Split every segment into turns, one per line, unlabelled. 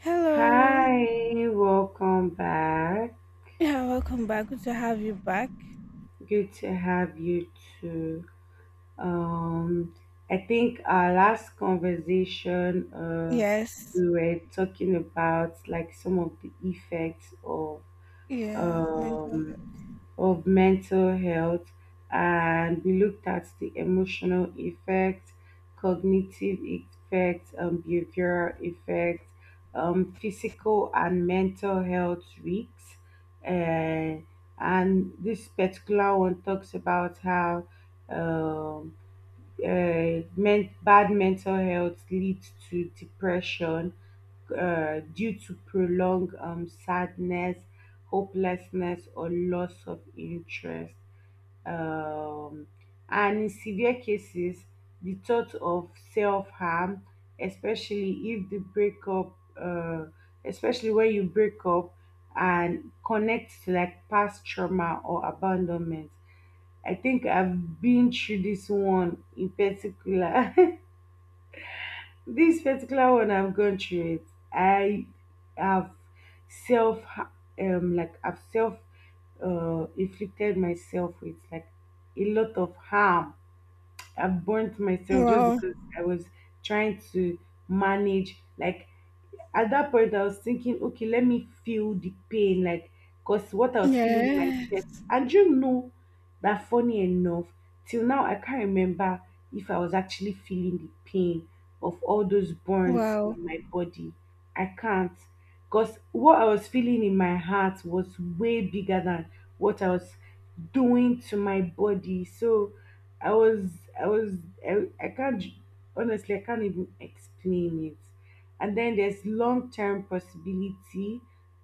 Hello.
Hi, welcome back.
Yeah, welcome back. Good to have you back.
Good to have you too. Um, I think our last conversation,
Yes.
we were talking about like some of the effects of
Yeah, mental health.
um of mental health, and we looked at the emotional effect, cognitive effect, behavioral effect, physical and mental health risks. Uh, and this particular one talks about how um, bad mental health leads to depression due to prolonged sadness, hopelessness, or loss of interest. Um, and in severe cases, the thought of self harm, especially if the breakup, especially when you break up and connect to like past trauma or abandonment. I think I've been through this one in particular. This particular one, I've gone through it. I have self, self, inflicted myself with like a lot of harm. I've burnt myself just
Wow.
because I was trying to manage. Like at that point, I was thinking, okay, let me feel the pain, like because what I was feeling in my
Yes.
chest. And you know that funny enough, till now I can't remember if I was actually feeling the pain of all those burns
Wow.
on my body. I can't. Because what I was feeling in my heart was way bigger than what I was doing to my body, so i was i was I can't, honestly I can't even explain it. And then there's long-term possibility,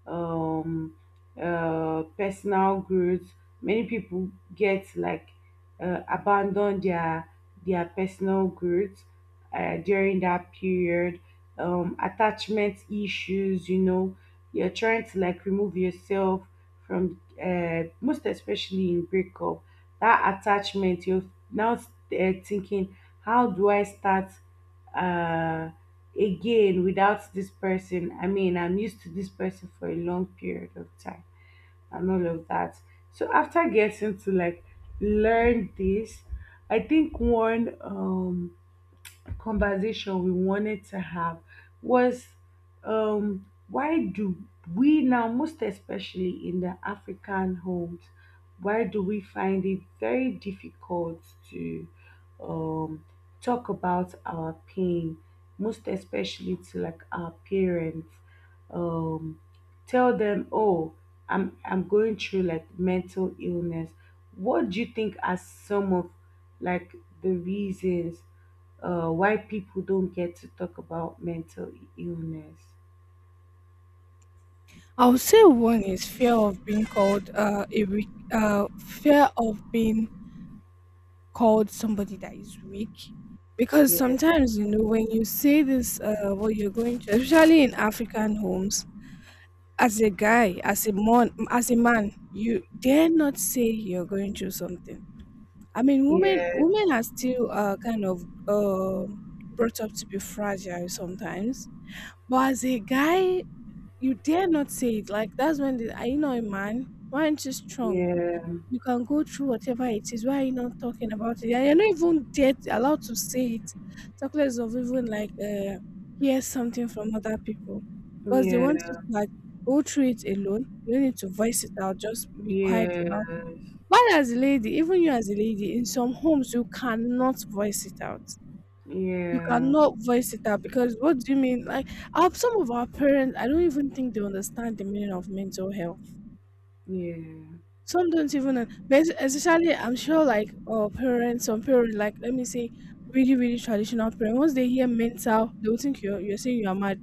um personal growth. Many people get like, abandon their personal growth during that period. Attachment issues, you're trying to like remove yourself from, most especially in breakup. That attachment, you're now thinking, how do I start? Uh, Again without this person. I mean, I'm used to this person for a long period of time and all of that. So after getting to like learn this, I think one conversation we wanted to have was, why do we now, most especially in the African homes, why do we find it very difficult to, um, talk about our pain, most especially to like our parents? Um, Tell them, oh, I'm going through like mental illness. What do you think are some of like the reasons why people don't get to talk about mental illness?
I would say one is fear of being called a weak, fear of being called somebody that is weak. Because
Yeah,
sometimes, you know, when you say this, what you're going to, especially in African homes, as a guy, as a man, you dare not say you're going through something. I mean, women
yes,
are still kind of um brought up to be fragile sometimes. But as a guy, you dare not say it. Like that's when the, are you not a man? Why aren't you strong?
yeah,
You can go through whatever it is. Why are you not talking about it? Yeah. You're not even dare allowed to say it. Talk less of even like, hear something from other people because they want you
yeah,
to like go through it alone. You don't need to voice it out. Just be quiet
yes,
about. Why as a lady, even you as a lady, in some homes you cannot voice it out. You
yeah,
cannot voice it out. Because what do you mean? Like our, some of our parents, I don't even think they understand the meaning of mental health.
yeah,
Some don't even, but especially, I'm sure like our parents, some parents, like let me say really really traditional parents. Once they hear mental, they will think you're saying you're mad,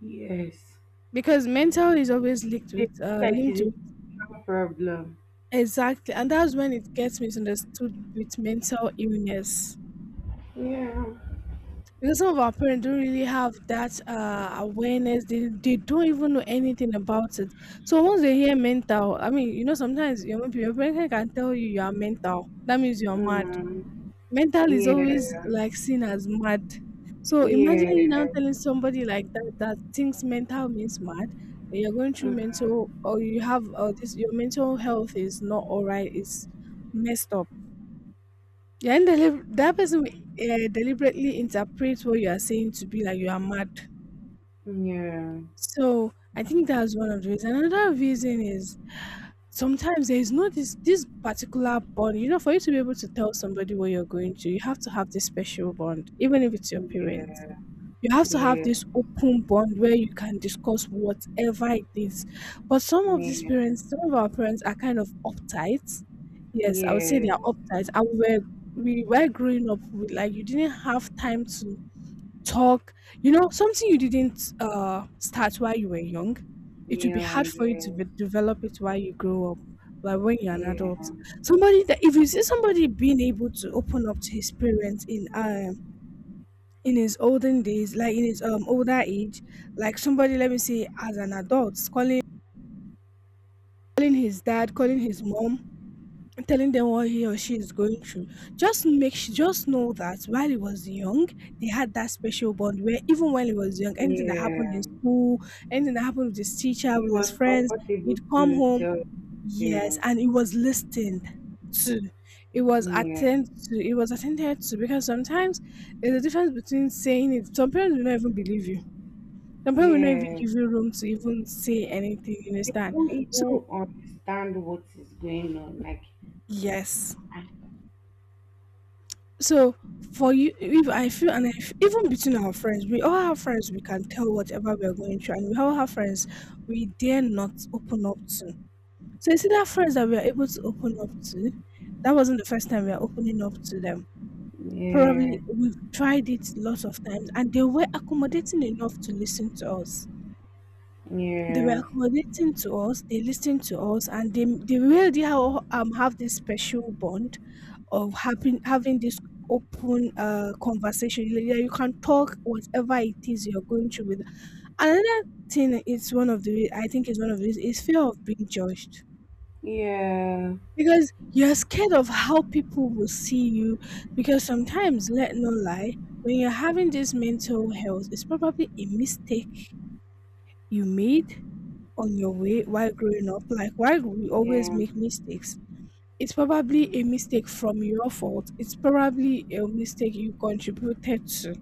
yes.
because mental is always linked
They
with,
feel like
linked
it's
with,
a problem.
exactly, and that's when it gets misunderstood with mental illness.
Yeah,
Because some of our parents don't really have that awareness. They don't even know anything about it. So once they hear mental, I mean, you know, sometimes your, your parent can tell you you are mental, that means you are mad.
mm,
Mental is always
yeah,
like seen as mad. So imagine you now
yeah,
telling somebody like that, that thinks mental means mad, that you're going through
mm,
mental, or you have this, your mental health is not all right, it's messed up. Yeah, and that person will deliberately interprets what you are saying to be like you are mad.
yeah, yeah,
So I think that's one of the reasons. Another reason is sometimes there is no this particular bond. You know, for you to be able to tell somebody what you're going to, you have to have this special bond, even if it's your parents. You have to
yeah, yeah, yeah,
have
yeah, yeah.
this open bond where you can discuss whatever it is. But some of these parents, some of our parents are kind of uptight. Yes, I would say they are uptight. And we were growing up with, like, you didn't have time to talk. You know, something you didn't start while you were young, it would be hard for you to be, develop it while you grow up. Like when you're an adult, somebody that, if you see somebody being able to open up to his parents in, in his olden days, like in his, older age, like somebody, let me say, as an adult, calling his dad, calling his mom, telling them what he or she is going through. Just just know that while he was young, they had that special bond where even when he was young,
Yeah,
anything that happened
yeah.
in school, anything that happened with his teacher,
It
with his
was
friends, he'd
comfortable
come
to
home,
tell
yes,
parents.
and it was listened to. It was
Yeah,
attended to. It was attended to, because sometimes there's a difference between saying it. Some parents will not even believe you. Sometimes we not even
yeah.
give you room to even say anything, you
They
understand?
don't
So
even understand what is going on. Like,
yes. So for you, if I feel, and I f even between our friends, we all have friends we can tell whatever we are going through, and we all have friends we dare not open up to. So you see that friends that we are able to open up to, that wasn't the first time we are opening up to them.
yeah,
Probably we've tried it lots of times and they were accommodating enough to listen to us. They were
yeah,
accommodating to us, they listened to us, and they really have this special bond of having this open conversation. Like, yeah, you can talk whatever it is you're going through with. Another thing is, one of the I think, is one of these is fear of being judged,
yeah,
because you're scared of how people will see you. Because sometimes, let no lie, when you're having this mental health, it's probably a mistake you made on your way while growing up. Like, why do we always
yeah,
make mistakes? It's probably a mistake from your fault. It's probably a mistake you contributed to.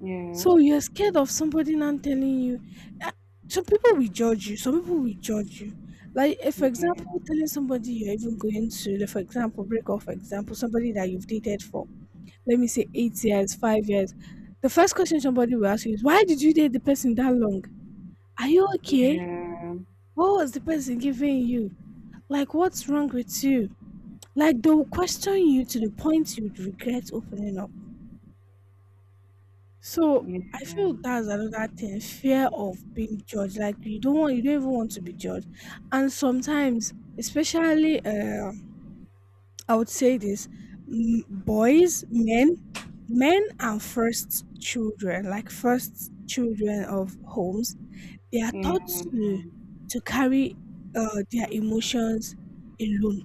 yeah.
So you're scared of somebody not telling you. Ah, some people will judge you. Some people will judge you. Like, if, for
Yeah, yeah,
example, telling somebody you're even going to, like, for example, break off, for example, somebody that you've dated for, let me say 8 years, 5 years, the first question somebody will ask you is, why did you date the person that long? Are you
yeah,
okay?
yeah,
What was the person giving you? Like, what's wrong with you? Like, they'll question you to the point you'd regret opening up. So,
yeah, yeah,
I feel that's another thing, fear of being judged. Like, you don't want, you don't even want to be judged. And sometimes, especially, I would say this, boys, men, men and first children, like, first children of homes. They are
yeah,
taught
yeah,
to carry their emotions alone.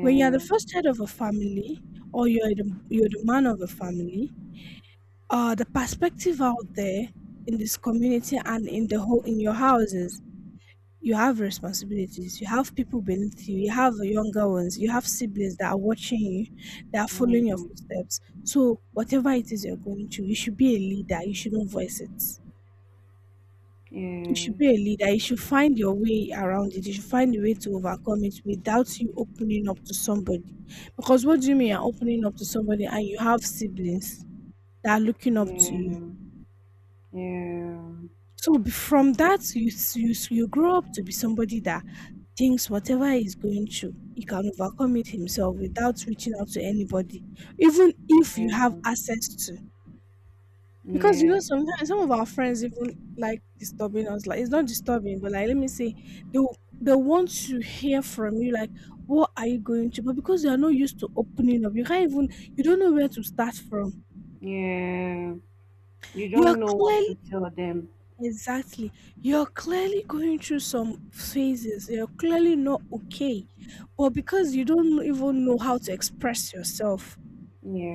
When you are the first head of a family, or you're the man of a family, the perspective out there in this community and in the whole, in your houses, you have responsibilities. You have people beneath you. You have younger ones. You have siblings that are watching you, that are following your footsteps. So whatever it is you're going through, you should be a leader. You shouldn't voice it. You should be a leader. You should find your way around it. You should find a way to overcome it without you opening up to somebody. Because what do you mean, you're opening up to somebody and you have siblings that are looking up to you? So from that, you you you grow up to be somebody that thinks whatever he's going through, he can overcome it himself without reaching out to anybody, even if you have access to. Because, you
yeah,
know, sometimes some of our friends even like disturbing us. Like, it's not disturbing, but like let me say, they want to hear from you. Like, what are you going to? But because you are not used to opening up, you can't even. You don't know where to start from.
yeah, yeah. You
You're
don't know what
clearly
to tell them.
exactly. You're clearly going through some phases. You're clearly not okay, but because you don't even know how to express yourself,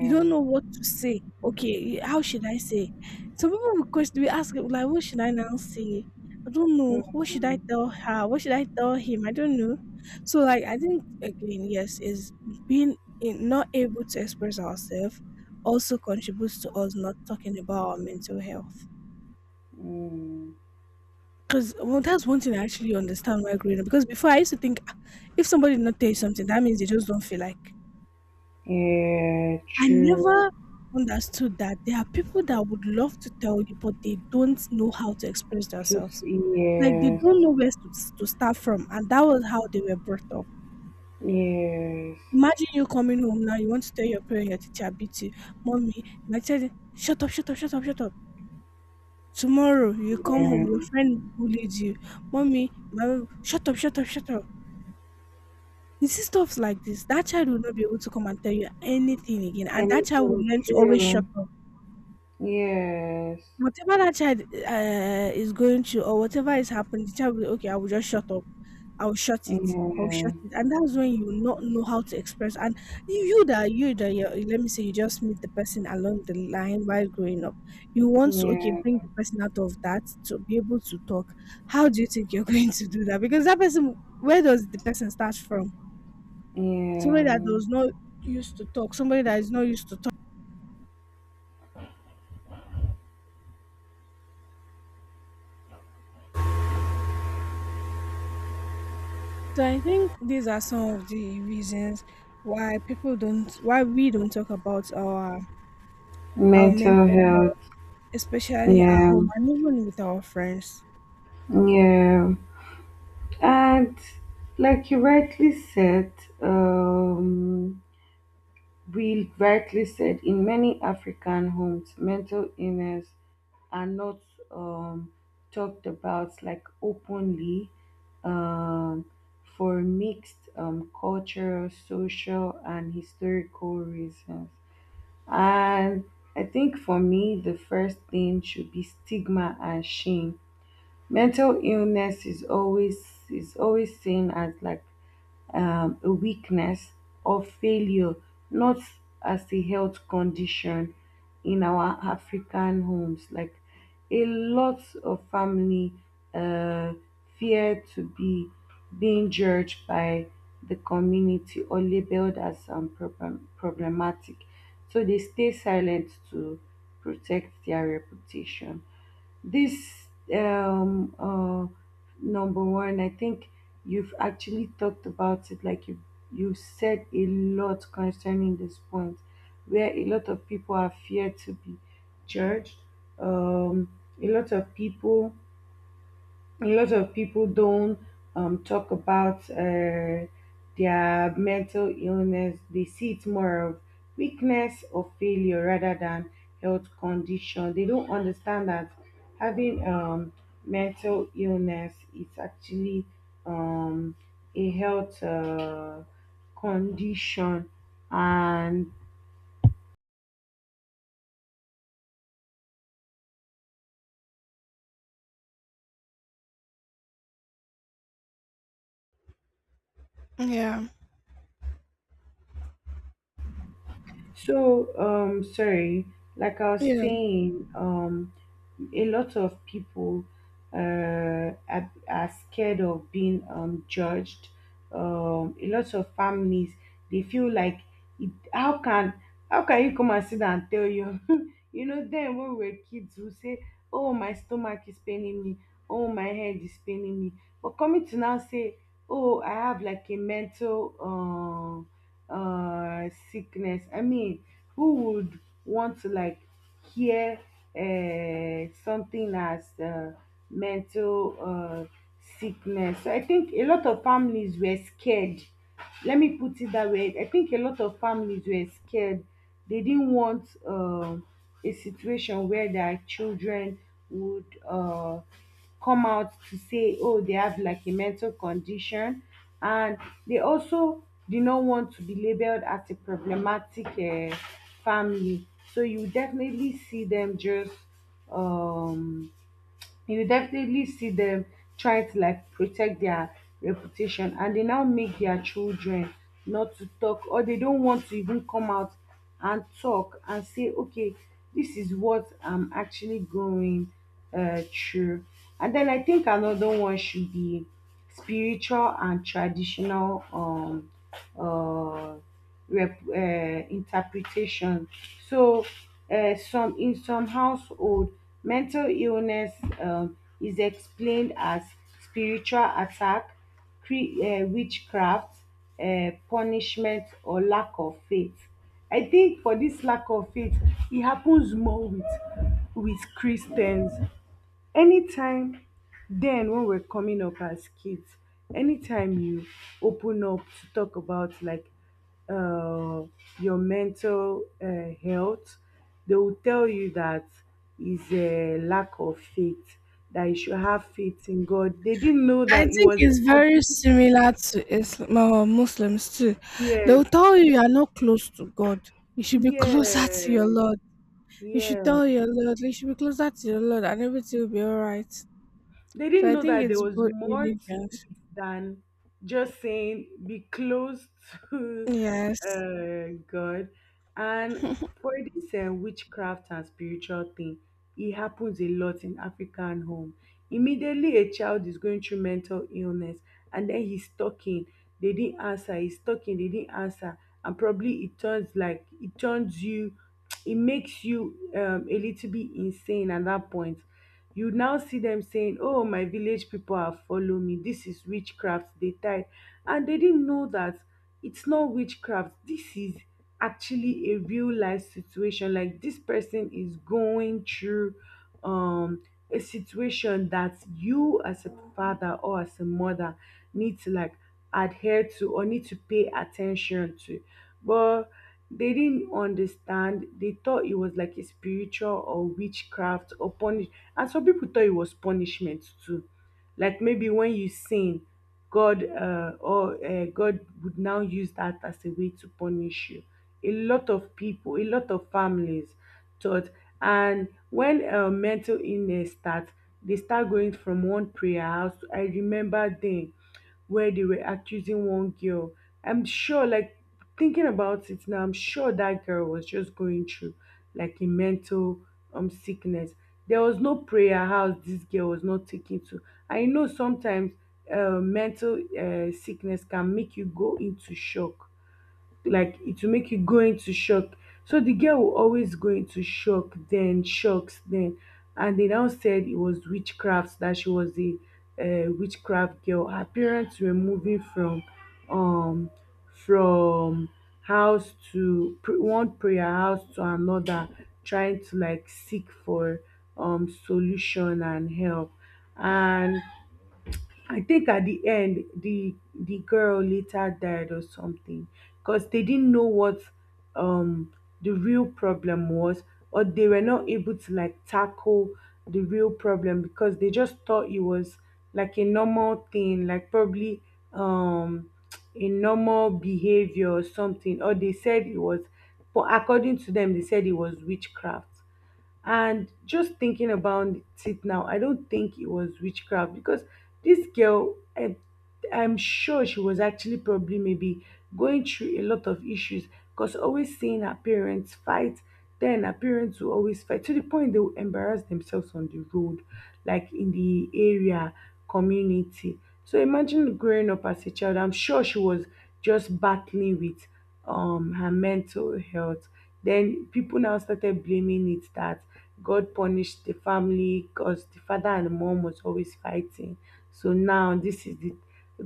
you don't know what to say. Okay, how should I say? Some people will question, we ask like, what should I now say? I don't know. What should I
Mm,
tell her? What should I tell him? I don't know. So like, I think again, yes, is being in, not able to express ourselves also contributes to us not talking about our mental health.
mm.
Because, well, that's one thing I actually understand why growing up. Because before I used to think, "Ah, if somebody did not tell you something, that means they just don't feel like."
Yeah,
I
true.
never understood that there are people that would love to tell you, but they don't know how to express
Just
themselves. Like, they
yes,
don't know where to start from, and that was how they were brought up.
yes.
Imagine you coming home now, you want to tell your parent your teacher beat you, mommy. My child, shut up, shut up, shut up, shut up. Tomorrow you come home,
Yeah.
your friend bullied you, mommy. My, shut up, shut up, shut up. You see stuff like this. That child will not be able to come and tell you anything again, and that child will
Anything
learn to always shut
true.
up.
Yes,
Whatever that child is going to, or whatever is happening, the child will be, okay, I will just shut up. I will shut it. I will shut
yeah,
it. And that's when you will not know how to express. And you, you, let me say, you just meet the person along the line while growing up. You want to, okay,
yeah,
bring the person out of that to be able to talk. How do you think you're going to do that? Because that person, where does the person start from? Somebody that
yeah.
does not used to talk, somebody that is not used to— So I think these are some of the reasons why people don't, why we don't talk about our
Mental
mental
health.
health, especially at
Yeah,
home and even with our friends.
yeah. And like you rightly said, um, we rightly said in many African homes, mental illness are not, um, talked about like openly, um, for mixed cultural, social, and historical reasons. And I think for me, the first thing should be stigma and shame. Mental illness is always seen as like, a weakness or failure, not as a health condition in our African homes. Like a lot of family uh, fear to be being judged by the community or labeled as problem, problematic. So they stay silent to protect their reputation. This, um, uh, number one, I think you've actually talked about it. Like you said a lot concerning this point, where a lot of people are feared to be judged. A lot of people don't, talk about their mental illness. They see it more of weakness or failure rather than health condition. They don't understand that having, mental illness is actually, um, a health condition, and
Yeah,
So, sorry, like I was
yeah.
saying, a lot of people uh, are scared of being judged. A lot of families, they feel like it, how can you come and sit and tell you? You know, then when we were kids we say, oh my stomach is paining me, oh my head is paining me, but coming to now say, oh I have like a mental sickness. I mean, who would want to like hear something as mental sickness? So I think a lot of families were scared. Let me put it that way. I think a lot of families were scared. They didn't want a situation where their children would come out to say, oh, they have like a mental condition, and they also did not want to be labeled as a problematic family. So you definitely see them just um you will definitely see them trying to like protect their reputation, and they now make their children not to talk, or they don't want to even come out and talk and say, okay, this is what I'm actually going through. And then I think another one should be spiritual and traditional, uh, interpretation. So some in some household, mental illness, is explained as spiritual attack, witchcraft, punishment, or lack of faith. I think for this lack of faith, it happens more with Christians. Anytime, then when we're coming up as kids, anytime you open up to talk about like, uh, your mental health, they will tell you that is a lack of faith, that you should have faith in God. They didn't know
I
that it
think
was.
it's very similar to Islam, Muslims too. They'll
Yes,
tell you you are not close to God. You should be closer to your
yes,
Lord. You should
yeah.
tell your Lord. You should be closer to your Lord, and everything will be all right.
They
So
didn't
I
know
think
that there
it's
was
both
more
religions.
than just saying be close to,
Yes.
God. And for this, witchcraft and spiritual thing, it happens a lot in African home. Immediately a child is going through mental illness, and then he's talking. They didn't answer. He's talking. They didn't answer, and probably it turns, like it turns you. It makes you, a little bit insane. At that point, you now see them saying, oh, my village people have follow me, this is witchcraft, they tied. And they didn't know that it's not witchcraft, this is actually a real life situation. Like, this person is going through, um a situation that you as a father or as a mother need to like adhere to or need to pay attention to. But they didn't understand, they thought it was like a spiritual or witchcraft or punishment. And some people thought it was punishment too. Like maybe when you sin, God or God would now use that as a way to punish you. A lot of people, a lot of families thought. And when mental illness starts, they start going from one prayer house. I remember then where they were accusing one girl. I'm sure, like, thinking about it now, I'm sure that girl was just going through like a mental sickness. There was no prayer house this girl was not taken to. I know sometimes, mental sickness can make you go into shock, like it will make you go into shock. So the girl will always go into shock, then shocks, then. And they now said it was witchcraft, that she was a witchcraft girl. Her parents were moving from, um from one prayer house to another, trying to like seek for solution and help. And I think at the end, the girl later died or something, because they didn't know what um the real problem was, or they were not able to like tackle the real problem, because they just thought it was like a normal thing, like probably um a normal behavior or something, or they said it was, but according to them, they said it was witchcraft. And just thinking about it now, I don't think it was witchcraft, because this girl, I'm sure she was actually probably maybe going through a lot of issues, because always seeing her parents fight. Then her parents will always fight to the point they will embarrass themselves on the road, like in the area, community. So imagine growing up as a child, I'm sure she was just battling with her mental health. Then people now started blaming it that God punished the family because the father and the mom was always fighting. So now this is the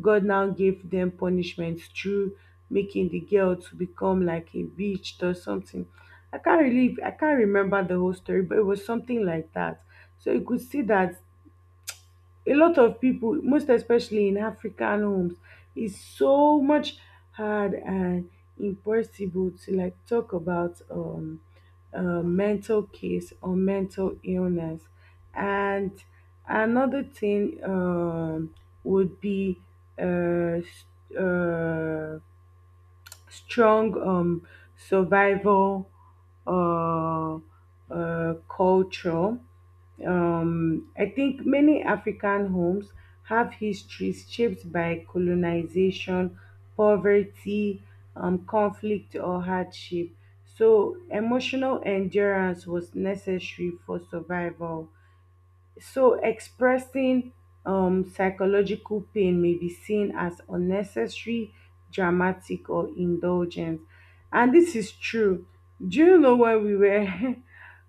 God now gave them punishment through making the girl to become like a witch or something. I can't really, I can't remember the whole story, but it was something like that. So you could see that a lot of people, most especially in African homes, it's so much hard and impossible to like talk about, mental case or mental illness. And another thing, would be, uh, s- uh, strong, survival, uh, culture. I think many African homes have histories shaped by colonization, poverty, conflict, or hardship. So, emotional endurance was necessary for survival. So, expressing psychological pain may be seen as unnecessary, dramatic, or indulgent. And this is true. Do you know, when we were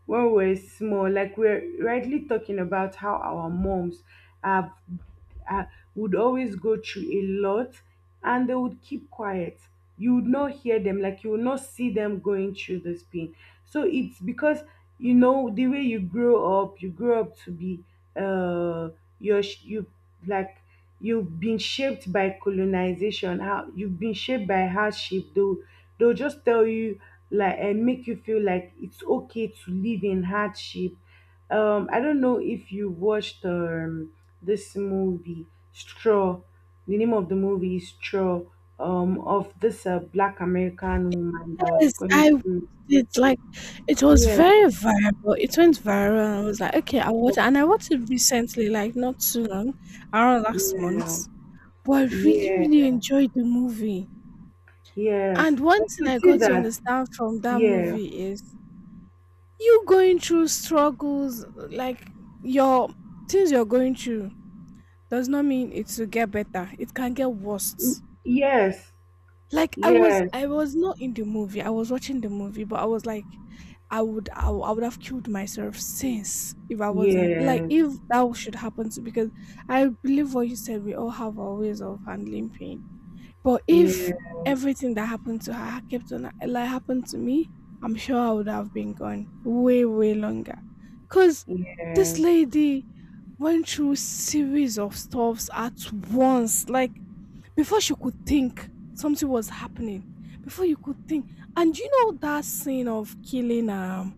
when we were small, like we're rightly talking about how our moms have uh, would always go through a lot, and they would keep quiet. You would not hear them, like you would not see them going through this pain. So it's because, you know, the way you grow up to be uh you, like, you've been shaped by colonization, how you've been shaped by hardship. They'll just tell you, like, and make you feel like it's okay to live in hardship. I don't know if you watched this movie Straw. The name of the movie is Straw, of this black American woman that was
Yes,
going
I watched
through.
it, like, it was
Yeah.
very viral. It went viral, and I was like, "Okay, I'll watch it." And I watched it recently, like not too long, around last
Yeah,
month. But I really,
yeah,
really enjoyed the movie.
yeah.
And
So
one thing
to
I
see
got to
that,
understand from that
yeah,
movie is you going through struggles, like your things you're going through, does not mean it will get better. It can get
mm,
worse.
yes,
Like i was
yes,
i was not in the movie, I was watching the movie, but I was like, I would have killed myself since, if I wasn't, like,
yes,
if that should happen to, because I believe what you said, we all have our ways of handling pain. But if
yeah,
everything that happened to her kept on, like, happened to me, I'm sure I would have been gone way way longer, because this
yes,
lady went through series of stuffs at once, like before she could think something was happening, before you could think. And you know that scene of killing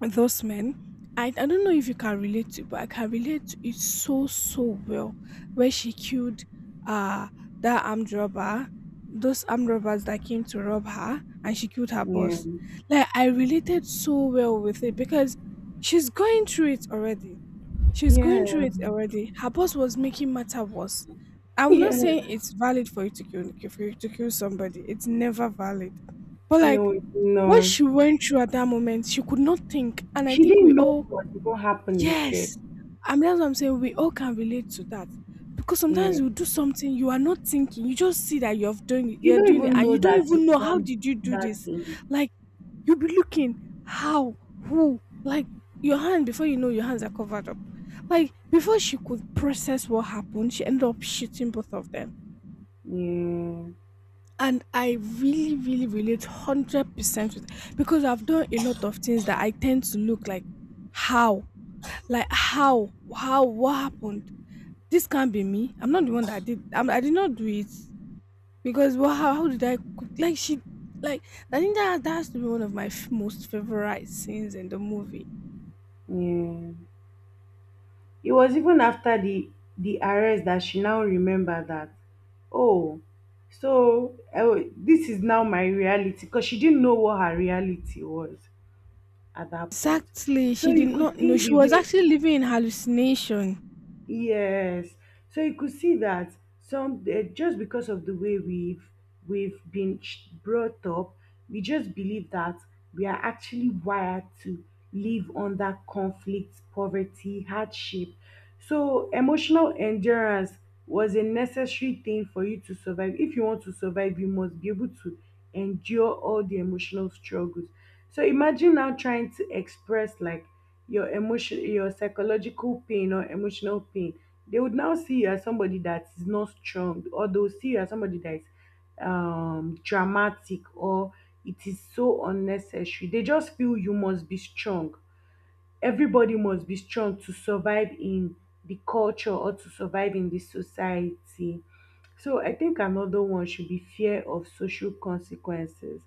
those men, I don't know if you can relate to, but I can relate to it so so well, where she killed uh that armed robber, those armed robbers that came to rob her, and she killed her
yeah,
boss. Like I related so well with it because she's going through it already. She's going through
yeah,
it already. Her boss was making matter worse. I'm not
yeah.
saying it's valid for you to kill somebody. It's never valid. But like
No,
what
no.
she went through at that moment, she could not think. And I
She
think we
didn't know
all—
what even happened itself.
Yes, I mean that's what I'm saying. We all can relate to that because sometimes
Yeah,
you do something you are not thinking. You just see that you have done it,
you
you're
don't
doing it,
even
and
know
you don't
that
even
you've
know how
done
did you do
that
this.
thing.
Like you'll be looking, how, who, like your hand, before you know your hands are covered up. Like before she could process what happened, she ended up shooting both of them.
Yeah,
And I really, really relate 100% with, because I've done a lot of things that I tend to look like, how, like how? How? What happened? This can't be me. I'm not the one that did. I did not do it because, well, how did I cook? Like she, like, I think that that's to be one of my most favorite scenes in the movie.
yeah. It was even after the arrest that she now remembered that, oh, so, this is now my reality, because she didn't know what her reality was at that point.
Exactly,
So
she did
you could
not know,
see
she
the
was
way.
actually living in hallucination.
Yes. So you could see that, just because of the way we've been brought up, we just believe that we are actually wired to live under conflict, poverty, hardship. So emotional endurance was a necessary thing for you to survive. If you want to survive, you must be able to endure all the emotional struggles. So imagine now trying to express, like, your emotion, your psychological pain or emotional pain, they would now see you as somebody that is not strong, or they'll see you as somebody that is dramatic, or it is so unnecessary. They just feel you must be strong. Everybody must be strong to survive in the culture or to survive in the society. So I think another one should be fear of social consequences.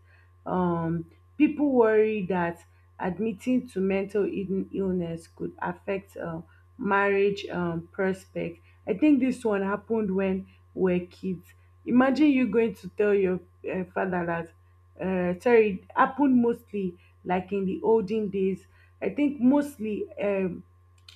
Um, people worry that admitting to mental illness could affect marriage prospect. I think this one happened when we are kids. Imagine you going to tell your father that, sorry, it happened mostly like in the olden days. I think mostly,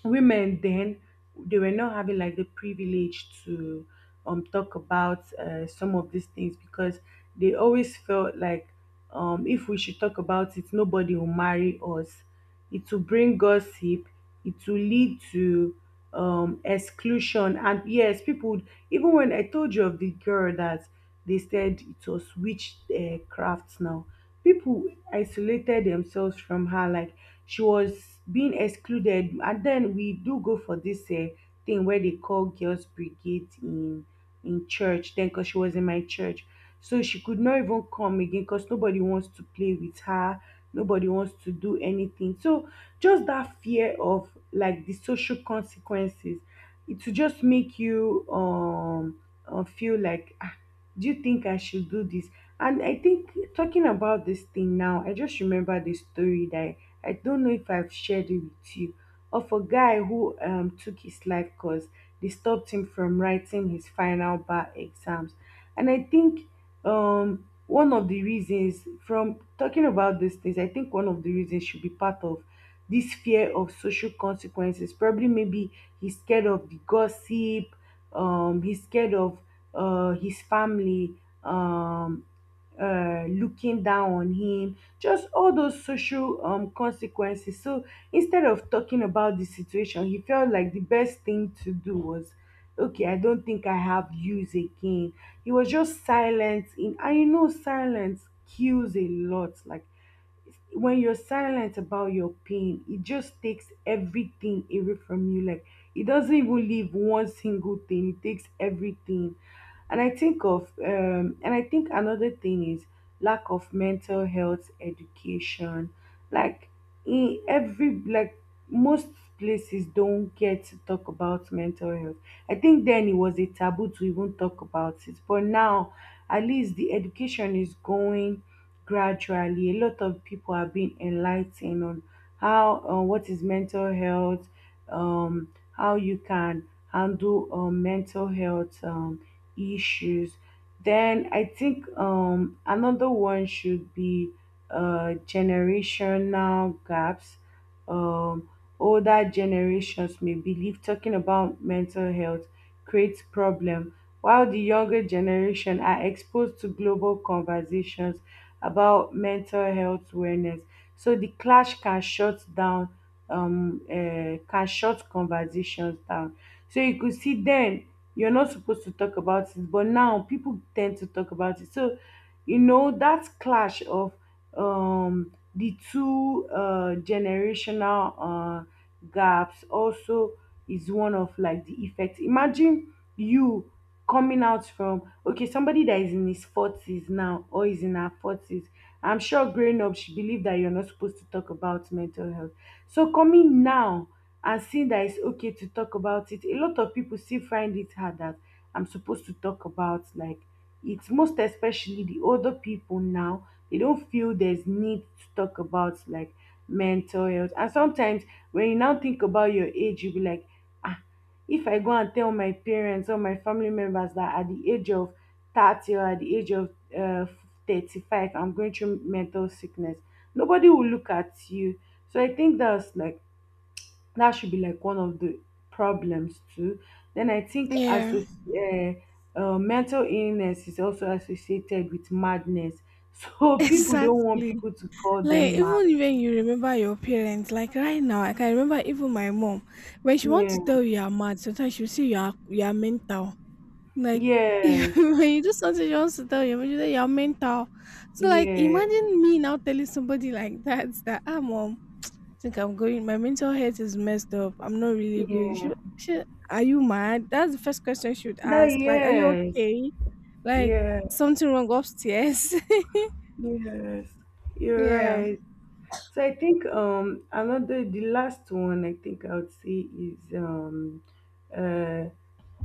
women then, they were not having, like, the privilege to talk about some of these things, because they always felt like, if we should talk about it, nobody will marry us, it will bring gossip, it will lead to exclusion. And yes, people would. Even when I told you of the girl that they said it was witchcraft, craft now, people isolated themselves from her, like she was being excluded. And then we do go for this thing where they call girls brigade in church then, because she was in my church, so she could not even come again, because nobody wants to play with her, nobody wants to do anything. So just that fear of, like, the social consequences, it will just make you feel like, ah, do you think I should do this? And I think, talking about this thing now, I just remember the story that, I don't know if I've shared it with you, of a guy who took his life, because they stopped him from writing his final bar exams. And I think, one of the reasons from talking about these things, I think one of the reasons should be part of this fear of social consequences. Probably, maybe he's scared of the gossip, he's scared of his family um, looking down on him, just all those social consequences. So instead of talking about the situation, he felt like the best thing to do was, okay, I don't think I have use again. He was just silent in, and you know, silence kills a lot. Like, when you're silent about your pain, it just takes everything away from you. Like, it doesn't even leave one single thing. It takes everything. And I think another thing is lack of mental health education. Like, in every like most places don't get to talk about mental health. I think then it was a taboo to even talk about it. But now, at least the education is going gradually. A lot of people are being enlightened on how what is mental health, how you can handle mental health issues. Then I think another one should be generational gaps. Um older generations may believe talking about mental health creates problem, while the younger generation are exposed to global conversations about mental health awareness. So the clash can shut conversations down. So you could see, then you're not supposed to talk about it, but now people tend to talk about it. So you know that clash of the two generational gaps also is one of, like, the effects. Imagine you coming out from, okay, somebody that is in his 40s now or is in her 40s. I'm sure growing up she believed that you're not supposed to talk about mental health, so coming now and seeing that it's okay to talk about it, a lot of people still find it hard that, I'm supposed to talk about, like. It's most especially the older people now, they don't feel there's need to talk about, like, mental health. And sometimes when you now think about your age, you'll be like, ah, if I go and tell my parents or my family members that at the age of 30 or at the age of uh, 35, I'm going through mental sickness, nobody will look at you. So I think that's, like, that should be, like, one of the problems too. Then I think, as
Yeah.
mental illness is also associated with madness, so people don't want
Exactly.
people to call
Like
them mad.
even you remember your parents, like right now, I can remember even my mom. When she wants
Yeah.
to tell you you're mad, sometimes she'll say you are mental. Like if,
Yes.
when you do something you want to tell your mom, you say you're mental. So like
Yeah.
imagine me now telling somebody like that, that, ah, mom, I think I'm going, my mental health is messed up. I'm not really good.
Yeah,
She Are you mad? That's the first question she would
that.
ask. Like, are you
Yes.
okay? Like,
Yeah.
something wrong upstairs.
Yes, you're
Yeah.
right. So I think another the last one I think I would say is uh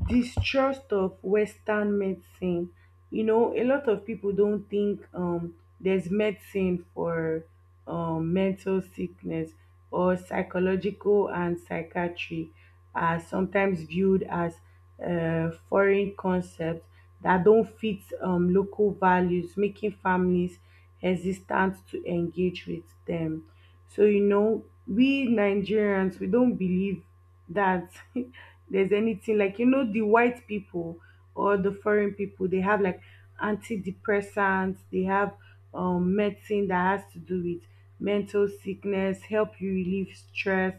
distrust of western medicine. You know, a lot of people don't think there's medicine for mental sickness, or psychological and psychiatry are sometimes viewed as foreign concepts that don't fit local values, making families hesitant to engage with them. So you know, we Nigerians, we don't believe that, there's anything. Like, you know, the white people or the foreign people, they have like antidepressants, they have medicine that has to do with mental sickness, help you relieve stress,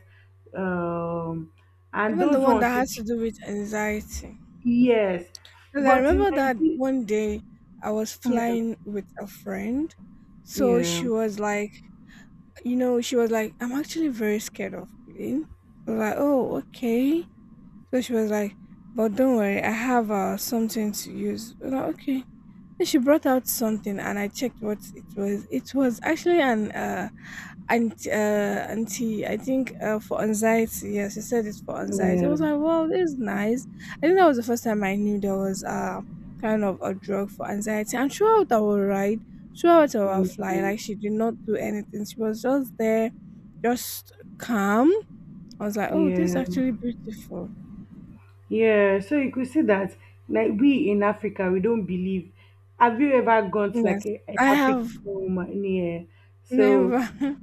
um and
Even the
those
one that
ones.
has to do with anxiety.
Yes.
Because I
But in
remember that
Nigeria.
one day I was
Yeah.
flying with a friend. So
Yeah.
she was like, you know, she was like, I'm actually very scared of plane. I was like, oh, okay. So she was like, but don't worry, I have something to use. I was like, okay. She brought out something and I checked what it was. It was actually an anti, anti, I think, for anxiety. Yes, she said it's for anxiety. I
Yeah.
was like, well, this is nice. I think that was the first time I knew there was kind of a drug for anxiety. And throughout our ride, throughout our flight,
Yeah,
like she did not do anything. She was just there, just calm. I was like, oh, this is
yeah.
actually beautiful.
Yeah, so you could see that, like, we in Africa we don't believe. Have you ever gone to,
Yes.
like, a
I have
African home? Yeah. So
never.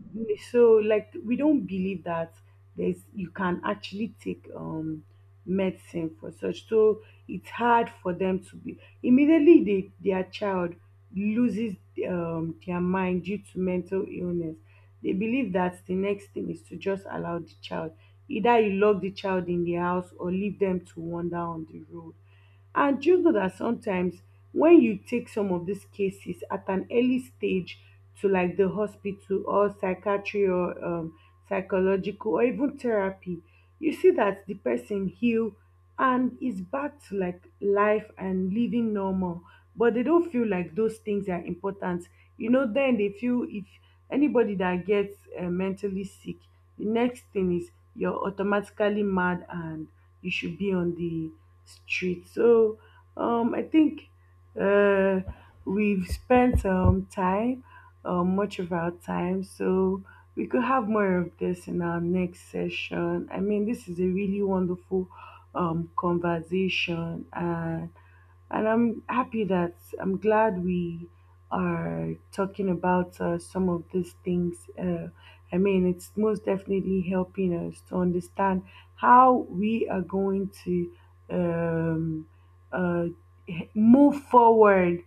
so like, we don't believe that there's you can actually take medicine for such. So it's hard for them to be, immediately their child loses their mind due to mental illness, they believe that the next thing is to just allow the child, either you lock the child in the house or leave them to wander on the road. And just know that sometimes when you take some of these cases at an early stage to, like, the hospital or psychiatry or psychological or even therapy, you see that the person heal and is back to, like, life and living normal. But they don't feel like those things are important. You know, then they feel if anybody that gets mentally sick, the next thing is you're automatically mad, and you should be on the street. So I think uh, we've spent much of our time, so we could have more of this in our next session. I mean, this is a really wonderful conversation, and I'm happy that I'm glad we are talking about some of these things. I mean, it's most definitely helping us to understand how we are going to um, uh, move forward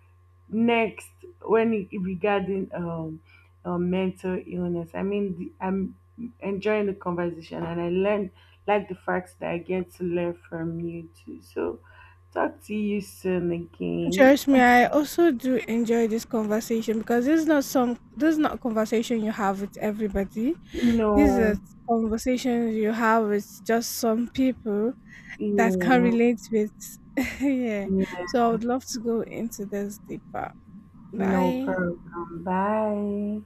next, regarding mental illness. I mean, I'm enjoying the conversation, and I learned, like, the facts that I get to learn from you too. So, talk to you soon again.
Trust me, I also do enjoy this conversation, because this is not a conversation you have with everybody. These are
No,
conversations you have with just some people that can
yeah,
relate with. Yeah.
yeah,
So I would love to go into this deeper.
no
Bye.
problem. Bye.